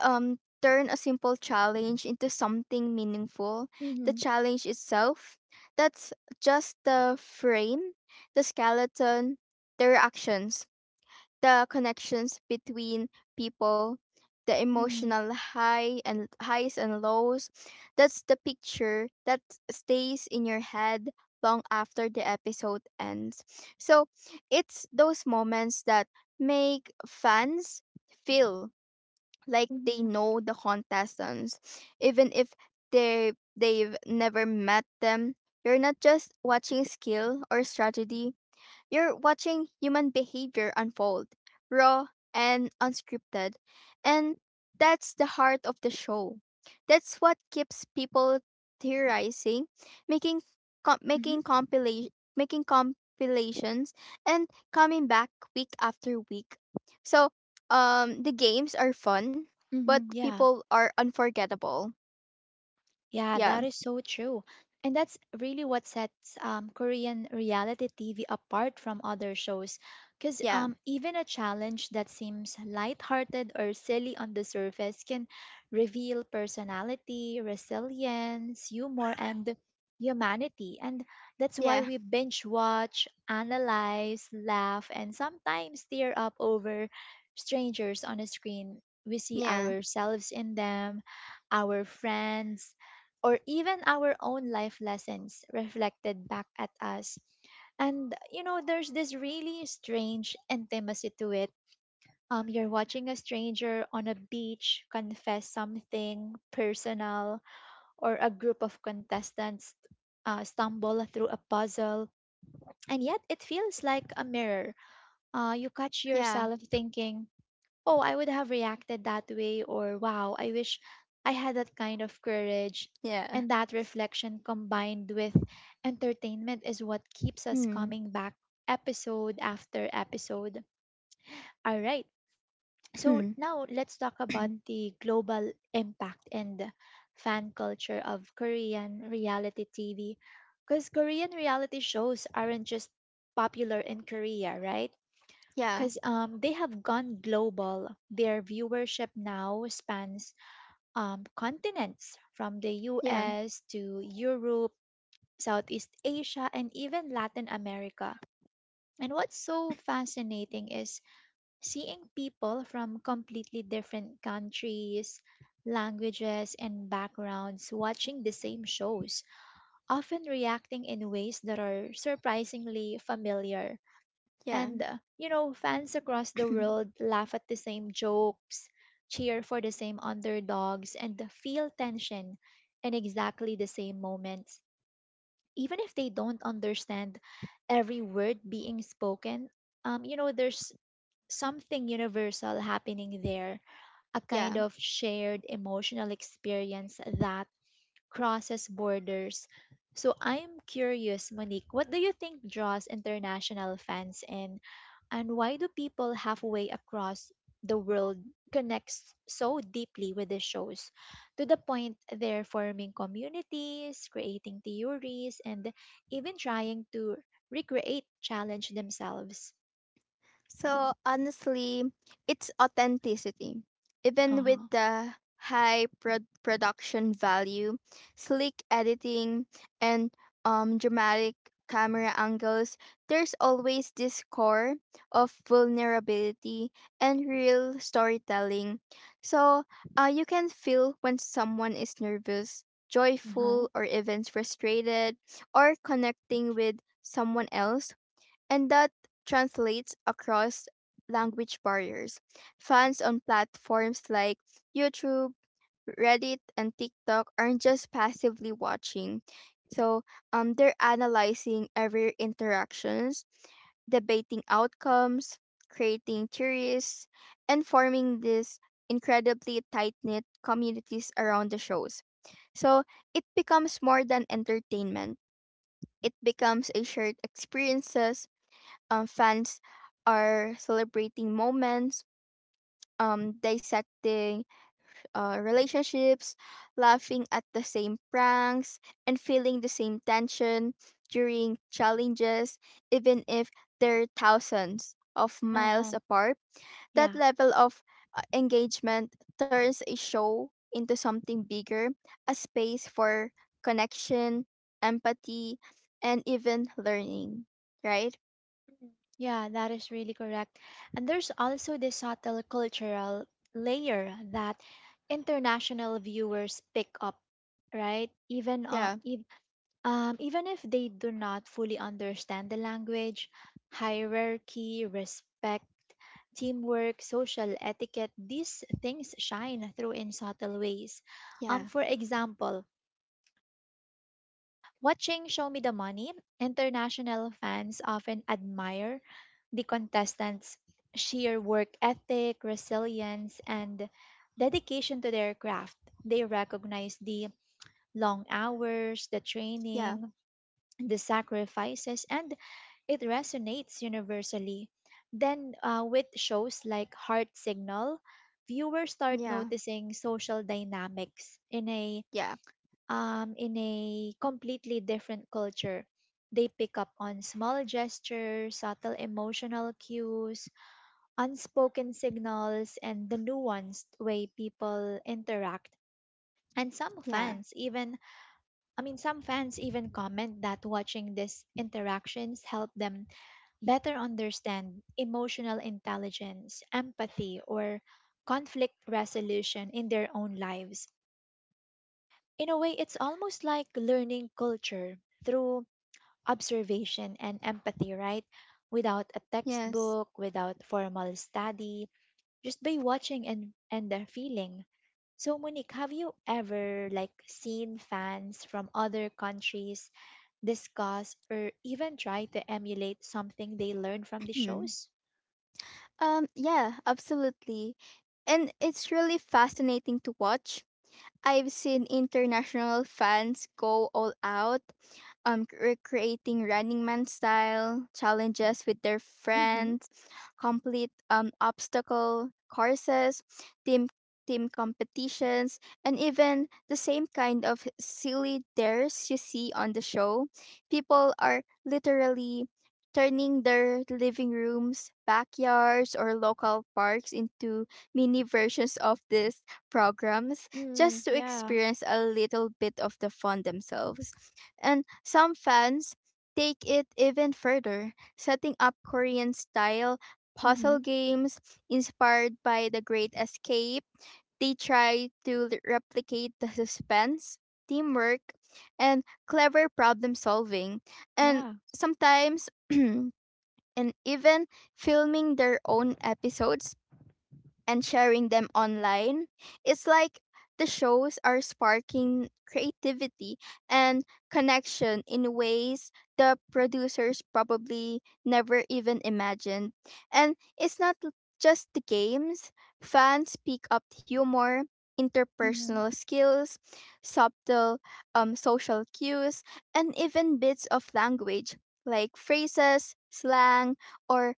B: turn a simple challenge into something meaningful. The
A: Mm-hmm.
B: challenge itself, that's just the frame, the skeleton. The reactions, the connections between people, the
A: Mm-hmm.
B: emotional high and highs and lows, that's the picture that stays in your head long after the episode ends. So it's those moments that make fans feel like they
A: Mm-hmm.
B: know the contestants, even if they've never met them. You're not just watching skill or strategy, you're watching human behavior unfold, raw and unscripted. And that's the heart of the show. That's what keeps people theorizing, making com-
A: Mm-hmm.
B: making compilation making compilations, and coming back week after week. So, the games are fun, but
A: Mm-hmm.
B: the
A: Yeah.
B: people are unforgettable.
A: Yeah, that
B: Yeah.
A: is so true. And that's really what sets Korean reality TV apart from other shows. Because
B: Yeah.
A: even a challenge that seems lighthearted or silly on the surface can reveal personality, resilience, humor, and humanity. And that's why
B: Yeah.
A: we binge watch, analyze, laugh, and sometimes tear up over strangers on a screen. We see
B: Yeah.
A: ourselves in them, our friends or even our own life lessons reflected back at us. And you know, there's this really strange intimacy to it. You're watching a stranger on a beach confess something personal, or a group of contestants stumble through a puzzle, and yet it feels like a mirror. You catch
B: Yeah.
A: yourself thinking, oh, I would have reacted that way, or wow, I wish I had that kind of courage.
B: Yeah.
A: And that reflection combined with entertainment is what keeps us
B: Hmm.
A: coming back episode after episode. All right, so now let's talk about the global impact and fan culture of Korean reality TV. Because Korean reality shows aren't just popular in Korea, right?
B: yeah.
A: Because they have gone global. Their viewership now spans continents from the
B: Yeah.
A: US to Europe, Southeast Asia, and even Latin America. And what's so fascinating is seeing people from completely different countries, languages, and backgrounds watching the same shows, often reacting in ways that are surprisingly familiar.
B: Yeah.
A: And, you know, fans across the world laugh at the same jokes, cheer for the same underdogs, and feel tension in exactly the same moments. Even if they don't understand every word being spoken, you know, there's something universal happening there, a
B: yeah.
A: kind of shared emotional experience that crosses borders. So I am curious, Monique, what do you think draws international fans in, and why do people halfway across the world connects so deeply with the shows to the point they're forming communities, creating theories, and even trying to recreate challenge themselves?
B: So honestly, it's authenticity.
A: Uh
B: Even with
A: huh.
B: the production value, sleek editing, and dramatic camera angles, there's always this core of vulnerability and real storytelling. So you can feel when someone is nervous,
A: Uh huh.
B: joyful, or even frustrated, or connecting with someone else, and that translates across language barriers. Fans on platforms like YouTube, Reddit, and TikTok aren't just passively watching. So they're analyzing every interactions, debating outcomes, creating theories, and forming these incredibly tight-knit communities around the shows. So it becomes more than entertainment. It becomes a shared experiences. Fans are celebrating moments, dissecting relationships, laughing at the same pranks, and feeling the same tension during challenges, even if they're thousands of
A: Uh
B: miles
A: huh.
B: apart. That
A: Yeah.
B: level of engagement turns a show into something bigger, a space for connection, empathy, and even learning, right?
A: Mm, yeah, that is really correct. And there's also this subtle cultural layer that international viewers pick up, right?
B: Yeah,
A: Even if they do not fully understand the language, hierarchy, respect, teamwork, social etiquette, these things shine through in subtle ways.
B: yeah,
A: For example, watching Show Me the Money, international fans often admire the contestants' sheer work ethic, resilience, and dedication to their craft. They recognize the long hours, the
B: yeah.
A: training, the sacrifices, and it resonates universally. Then, with shows like Heart Signal, viewers start
B: Yeah,
A: noticing social dynamics
B: yeah,
A: in a completely different culture. They pick up on small gestures, subtle emotional cues, unspoken signals, and the nuanced way people interact. And some
B: yeah,
A: fans even, I mean, Some fans even comment that watching these interactions help them better understand emotional intelligence, empathy, or conflict resolution in their own lives. In a way, it's almost like learning culture through observation and empathy, right? Without a
B: yes.
A: textbook, without formal study, just by watching and the feeling. So Monique, have you ever like seen fans from other countries discuss or even try to emulate something they learned from the shows?
B: Yeah, absolutely. And it's really fascinating to watch. I've seen international fans go all out, recreating Running Man style challenges with their
A: Mm-hmm.
B: friends, complete obstacle courses, team team competitions, and even the same kind of silly dares you see on the show. People are literally turning their living rooms, backyards, or local parks into mini versions of these programs just
A: Mm,
B: to
A: yeah.
B: experience a little bit of the fun themselves. And some fans take it even further, setting up Korean style
A: Mm-hmm.
B: puzzle games inspired by The Great Escape. They try to replicate the suspense, teamwork, and clever problem solving. And
A: Yeah.
B: sometimes and even filming their own episodes and sharing them online. It's like the shows are sparking creativity and connection in ways the producers probably never even imagined. And it's not just the games, fans pick up humor,
A: Mm-hmm.
B: interpersonal skills, subtle social cues, and even bits of language like phrases, slang, or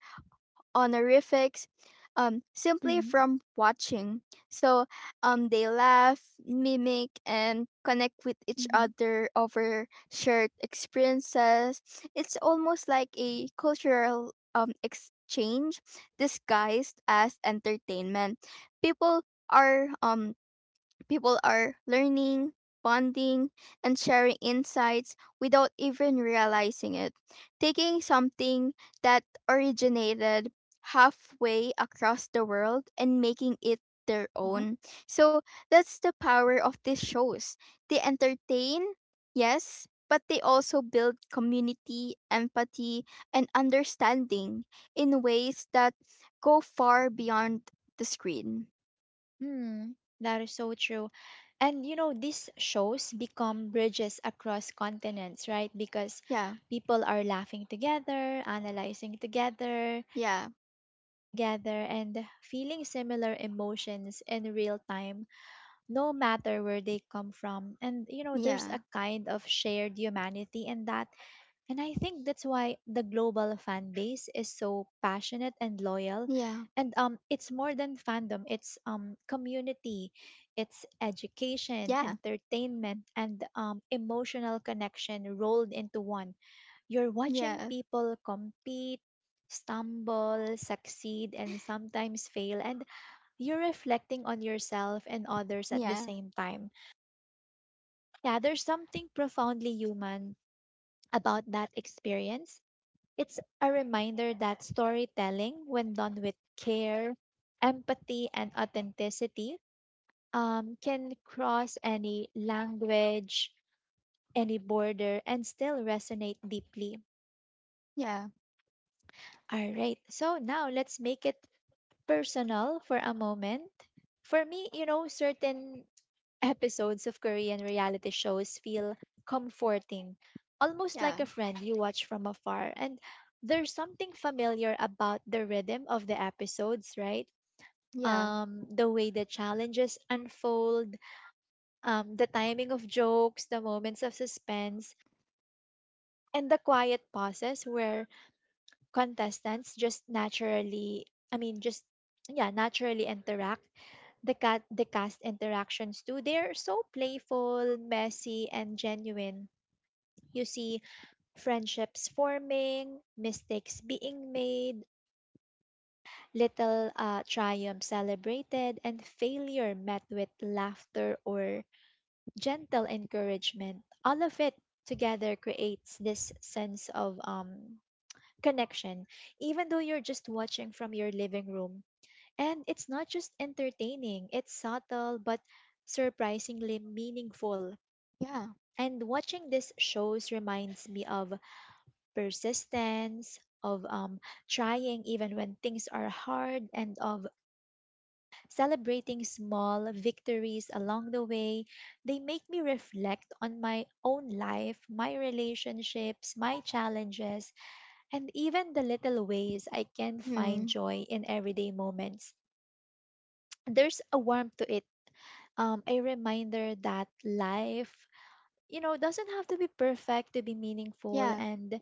B: honorifics, simply
A: Mm-hmm.
B: from watching. So they laugh, mimic, and connect with each
A: Mm-hmm.
B: other over shared experiences. It's almost like a cultural exchange disguised as entertainment. People are um, People are learning, bonding, and sharing insights without even realizing it, taking something that originated halfway across the world and making it their
A: Uh-huh.
B: own. So that's the power of these shows. They entertain, yes, but they also build community, empathy, and understanding in ways that go far beyond the screen.
A: Mm, that is so true. And you know, these shows become bridges across continents, right? Because
B: Yeah,
A: people are laughing together, analyzing together,
B: yeah,
A: empathizing together, and feeling similar emotions in real time, no matter where they come from. And you know, there's a
B: yeah.
A: kind of shared humanity in that, and I think that's why the global fan base is so passionate and loyal.
B: Yeah,
A: And it's more than fandom, it's community, it's education,
B: yeah,
A: entertainment, and emotional connection rolled into one. You're watching
B: yeah,
A: people compete, stumble, succeed, and sometimes fail, and you're reflecting on yourself and others at the
B: yeah,
A: same time. Yeah, there's something profoundly human about that experience. It's a reminder that storytelling, when done with care, empathy, and authenticity, can cross any language, any border, and still resonate deeply.
B: yeah,
A: All right, so now let's make it personal for a moment. For me, you know, certain episodes of Korean reality shows feel comforting, almost like
B: yeah,
A: a friend you watch from afar. And there's something familiar about the rhythm of the episodes, right?
B: yeah,
A: The way the challenges unfold, the timing of jokes, the moments of suspense, and the quiet pauses where contestants just naturally, I mean, just, yeah, naturally interact. The cast interactions too, they're so playful, messy, and genuine. You see friendships forming, mistakes being made, little triumphs celebrated, and failure met with laughter or gentle encouragement. All of it together creates this sense of connection, even though you're just watching from your living room. And it's not just entertaining, it's subtle but surprisingly meaningful.
B: yeah.
A: And watching these shows reminds me of persistence, of trying even when things are hard, and of celebrating small victories along the way. They make me reflect on my own life, my relationships, my challenges, and even the little ways I can find
B: Mm,
A: joy in everyday moments. There's a warmth to it, a reminder that life, you know, doesn't have to be perfect to be meaningful,
B: yeah.
A: and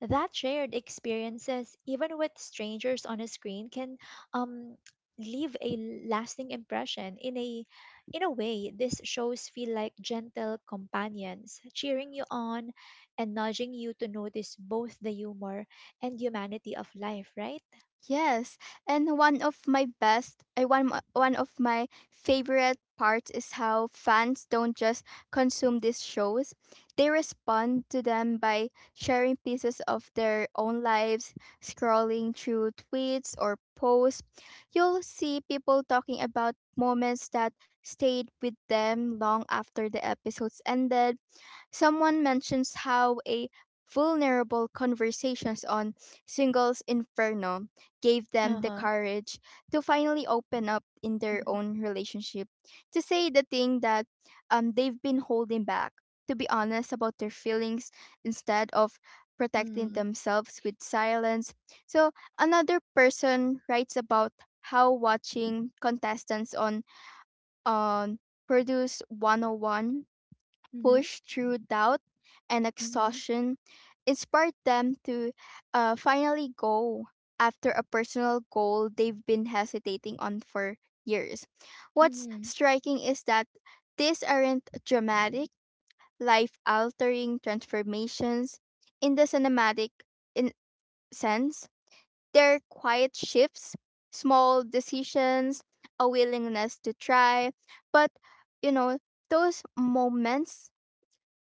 A: that shared experiences, even with strangers on a screen, can um, leave a lasting impression. In a in a way, these shows feel like gentle companions, cheering you on and nudging you to notice both the humor and humanity of life, right?
B: Yes. And one of my best, one of my favorite parts is how fans don't just consume these shows. They respond to them by sharing pieces of their own lives, scrolling through tweets or posts. You'll see people talking about moments that stayed with them long after the episodes ended. Someone mentions how a vulnerable conversations on Singles Inferno gave them the
A: Uh-huh.
B: courage to finally open up in their own relationship, to say the thing that they've been holding back, to be honest about their feelings instead of protecting
A: Mm.
B: themselves with silence. So another person writes about how watching contestants on Produce 101
A: Mhm.
B: push through doubt and
A: Mhm.
B: exhaustion, inspired them to finally go after a personal goal they've been hesitating on for years. What's
A: Mhm.
B: striking is that these aren't dramatic, life altering transformations in the cinematic in- sense, they're quiet shifts, small decisions, a willingness to try, but you know, those moments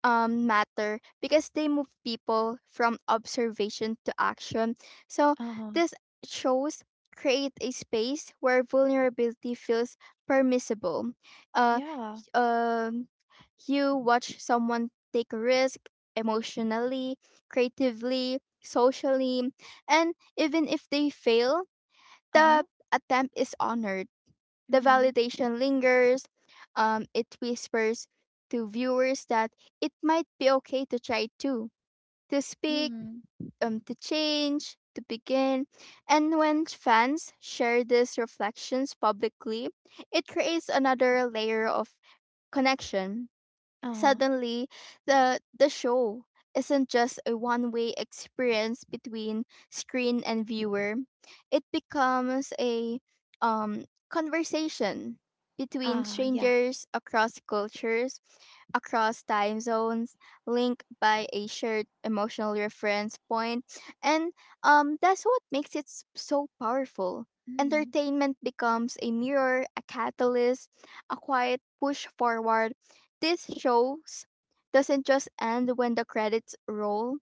B: matter because they move people from observation to action. So
A: Uh-huh.
B: this shows create a space where vulnerability feels permissible. Uh,
A: Yeah.
B: um, you watch someone take a risk emotionally, creatively, socially, and even if they fail,
A: Uh-huh.
B: the attempt is honored. The
A: Mhm.
B: validation lingers. It whispers to viewers that it might be okay to try too, to speak,
A: Mhm.
B: to change, to begin. And when fans share these reflections publicly, it creates another layer of connection.
A: Uh-huh.
B: Suddenly, the show isn't just a one-way experience between screen and viewer. It becomes a um conversation between
A: Ah, yeah.
B: strangers across cultures, across time zones, linked by a shared emotional reference point, and that's what makes it so powerful.
A: Mhm.
B: Entertainment becomes a mirror, a catalyst, a quiet push forward. These shows doesn't just end when the credits roll,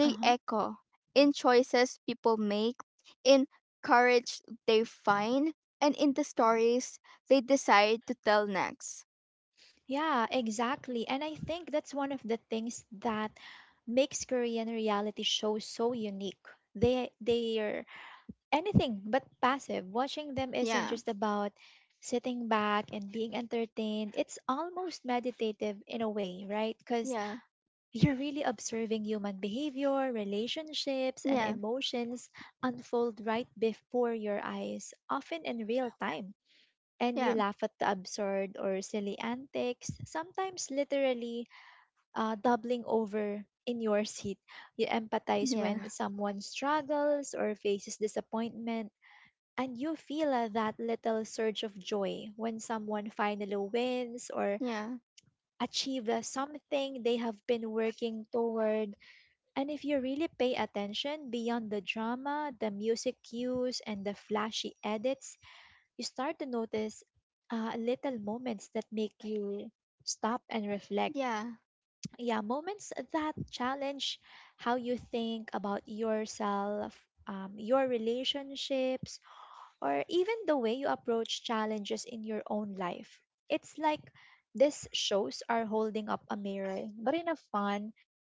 B: they
A: Uh-huh.
B: echo in choices people make, in courage they find, and in the stories they decide to tell next.
A: Yeah, exactly. And I think that's one of the things that makes Korean reality shows so unique. They're anything but passive. Watching them isn't
B: Yeah,
A: just about sitting back and being entertained. It's almost meditative in a way, right? Cuz
B: yeah,
A: you're really observing human behavior, relationships, and
B: yeah,
A: emotions unfold right before your eyes, often in real time. And you
B: yeah,
A: laugh at the absurd or silly antics, sometimes literally doubling over in your seat. You empathize
B: yeah,
A: when someone struggles or faces disappointment, and you feel that little surge of joy when someone finally wins or
B: yeah,
A: achieves something they have been working toward. And if you really pay attention beyond the drama, the music cues, and the flashy edits, you start to notice little moments that make you stop and reflect.
B: yeah,
A: Yeah, moments that challenge how you think about yourself, your relationships, or even the way you approach challenges in your own life. It's like these shows are holding up a mirror, but in a fun,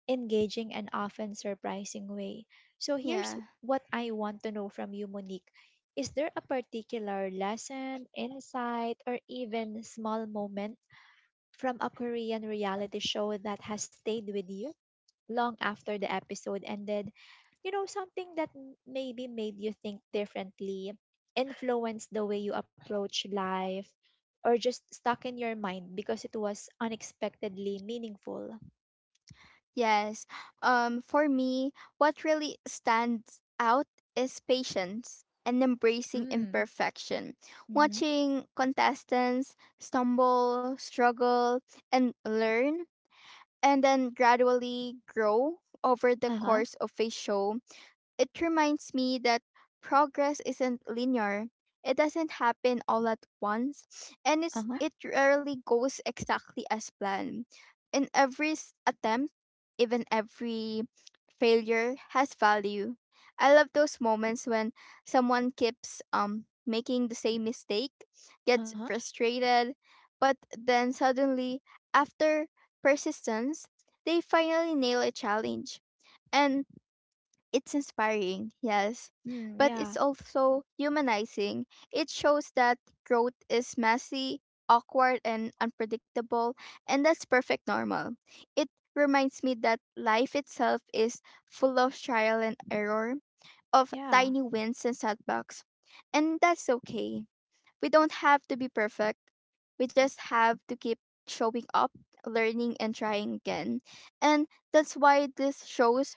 A: engaging, and often surprising way. So here's
B: yeah.
A: what I want to know from you, Monique. Is there a particular lesson, insight, or even small moment from a Korean reality show that has stayed with you long after the episode ended? You know, something that maybe made you think differently, influenced the way you approach life, or just stuck in your mind because it was unexpectedly meaningful.
B: Yes. For me, what really stands out is patience and embracing
A: Mm.
B: imperfection.
A: Mm-hmm.
B: Watching contestants stumble, struggle, and learn, and then gradually grow over the
A: Uh-huh.
B: course of a show, it reminds me that progress isn't linear. It doesn't happen all at once, and it's,
A: Uh-huh.
B: it rarely goes exactly as planned. In attempt, even every failure has value. I love those moments when someone keeps making the same mistake, gets
A: Uh-huh.
B: frustrated, but then suddenly after persistence, they finally nail a challenge. And it's inspiring, yes,
A: Mm,
B: but it's
A: yeah.
B: also humanizing. It shows that growth is messy, awkward, and unpredictable, and that's perfect normal. It reminds me that life itself is full of trial and error, of
A: Yeah.
B: tiny wins and setbacks, and that's okay. We don't have to be perfect. We just have to keep showing up, learning, and trying again. And that's why these shows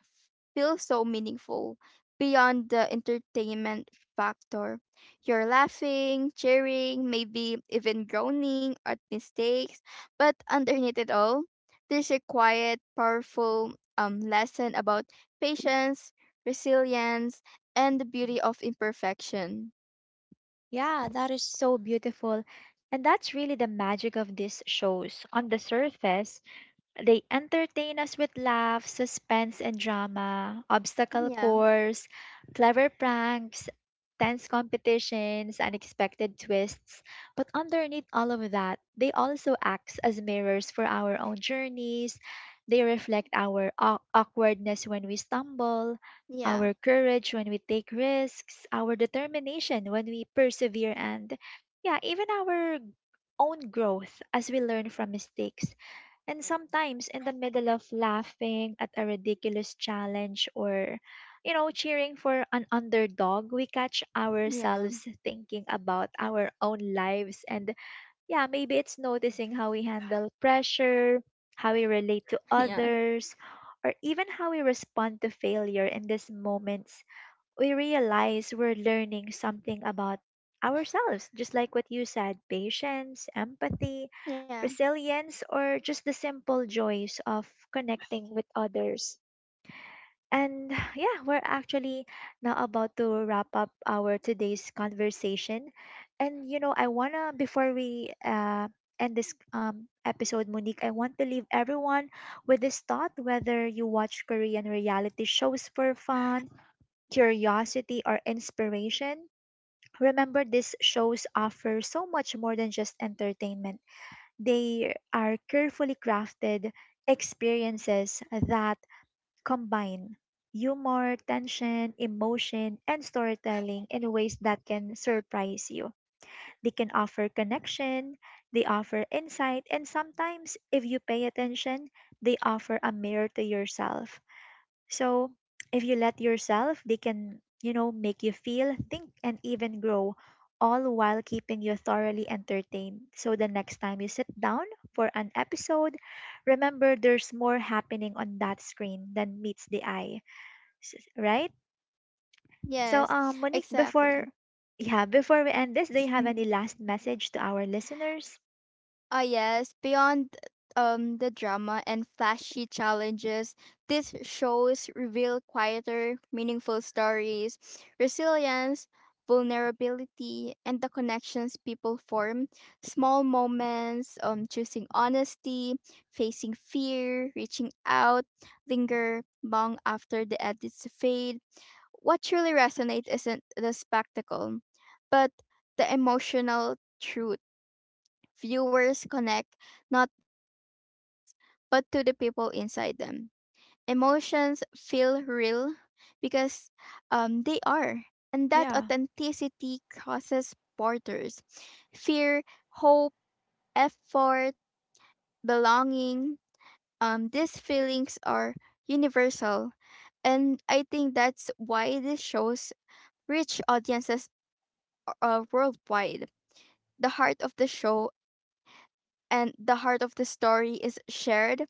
B: feel so meaningful beyond the entertainment factor. You're laughing, cheering, maybe even groaning at mistakes, but underneath it all, there's a quiet, powerful lesson about patience, resilience, and the beauty of imperfection.
A: Yeah, that is so beautiful. And that's really the magic of these shows. On the surface, they entertain us with laughs, suspense, and drama, obstacle
B: Yeah,
A: course, clever pranks, tense competitions, unexpected twists. But underneath all of that, they also act as mirrors for our own journeys. They reflect our awkwardness when we stumble,
B: yeah.
A: our courage when we take risks, our determination when we persevere, and yeah, even our own growth as we learn from mistakes. And sometimes in the middle of laughing at a ridiculous challenge or, you know, cheering for an underdog, we catch
B: Yeah,
A: ourselves thinking about our own lives. And yeah, maybe it's noticing how we handle pressure, how we relate
B: yeah,
A: to others, or even how we respond to failure in these moments. We realize we're learning something about ourselves, just like what you said, patience, empathy,
B: yeah.
A: resilience, or just the simple joys of connecting with others. And yeah, we're actually now about to wrap up our today's conversation. And you know, I wanna, before we end this episode, Monique, I want to leave everyone with this thought: whether you watch Korean reality shows for fun, curiosity, or inspiration, remember, these shows offer so much more than just entertainment. They are carefully crafted experiences that combine humor, tension, emotion, and storytelling in ways that can surprise you. They can offer connection, they offer insight, and sometimes, if you pay attention, they offer a mirror to yourself. So, if you let yourself, they can, you know, make you feel, think, and even grow, all while keeping you thoroughly entertained. So, the next time you sit down for an episode, remember, there's more happening on that screen than meets the eye, right? So,
B: Yes,
A: Monique,
B: exactly.
A: before yeah, before we end this, do you have any last message to our listeners?
B: Ah, yes. Beyond the drama and flashy challenges, these shows reveal quieter, meaningful stories, resilience, vulnerability, and the connections people form. Small moments, choosing honesty, facing fear, reaching out, linger long after the edits fade. What truly resonates isn't the spectacle, but the emotional truth. Viewers connect not to the games, but to the people inside them. Emotions feel real because they are. And that
A: Yeah,
B: authenticity crosses borders. Fear, hope, effort, belonging. These feelings are universal. And I think that's why these shows reach audiences worldwide. The heart of the show and the heart of the story is shared,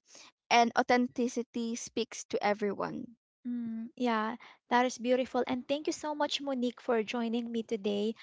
B: and authenticity speaks to everyone.
A: mm, yeah, that is beautiful. And thank you so much, Monique, for joining me today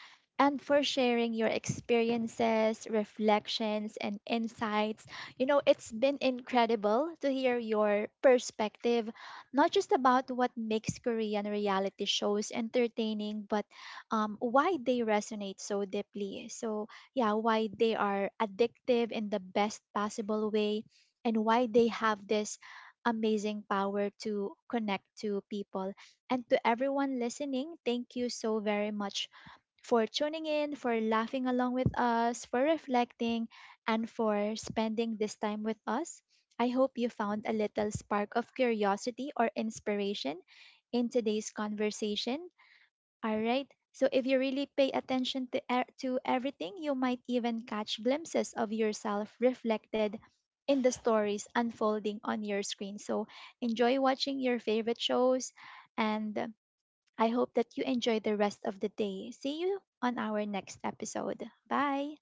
A: and for sharing your experiences, reflections, and insights. You know, it's been incredible to hear your perspective, not just about what makes Korean reality shows entertaining, but why they resonate so deeply. So, yeah, why they are addictive in the best possible way and why they have this amazing power to connect to people. And to everyone listening, thank you so very much for tuning in, for laughing along with us, for reflecting, and for spending this time with us. I hope you found a little spark of curiosity or inspiration in today's conversation. All right. So if you really pay attention to to everything, you might even catch glimpses of yourself reflected in the stories unfolding on your screen. So enjoy watching your favorite shows and I hope that you enjoy the rest of the day. See you on our next episode. Bye.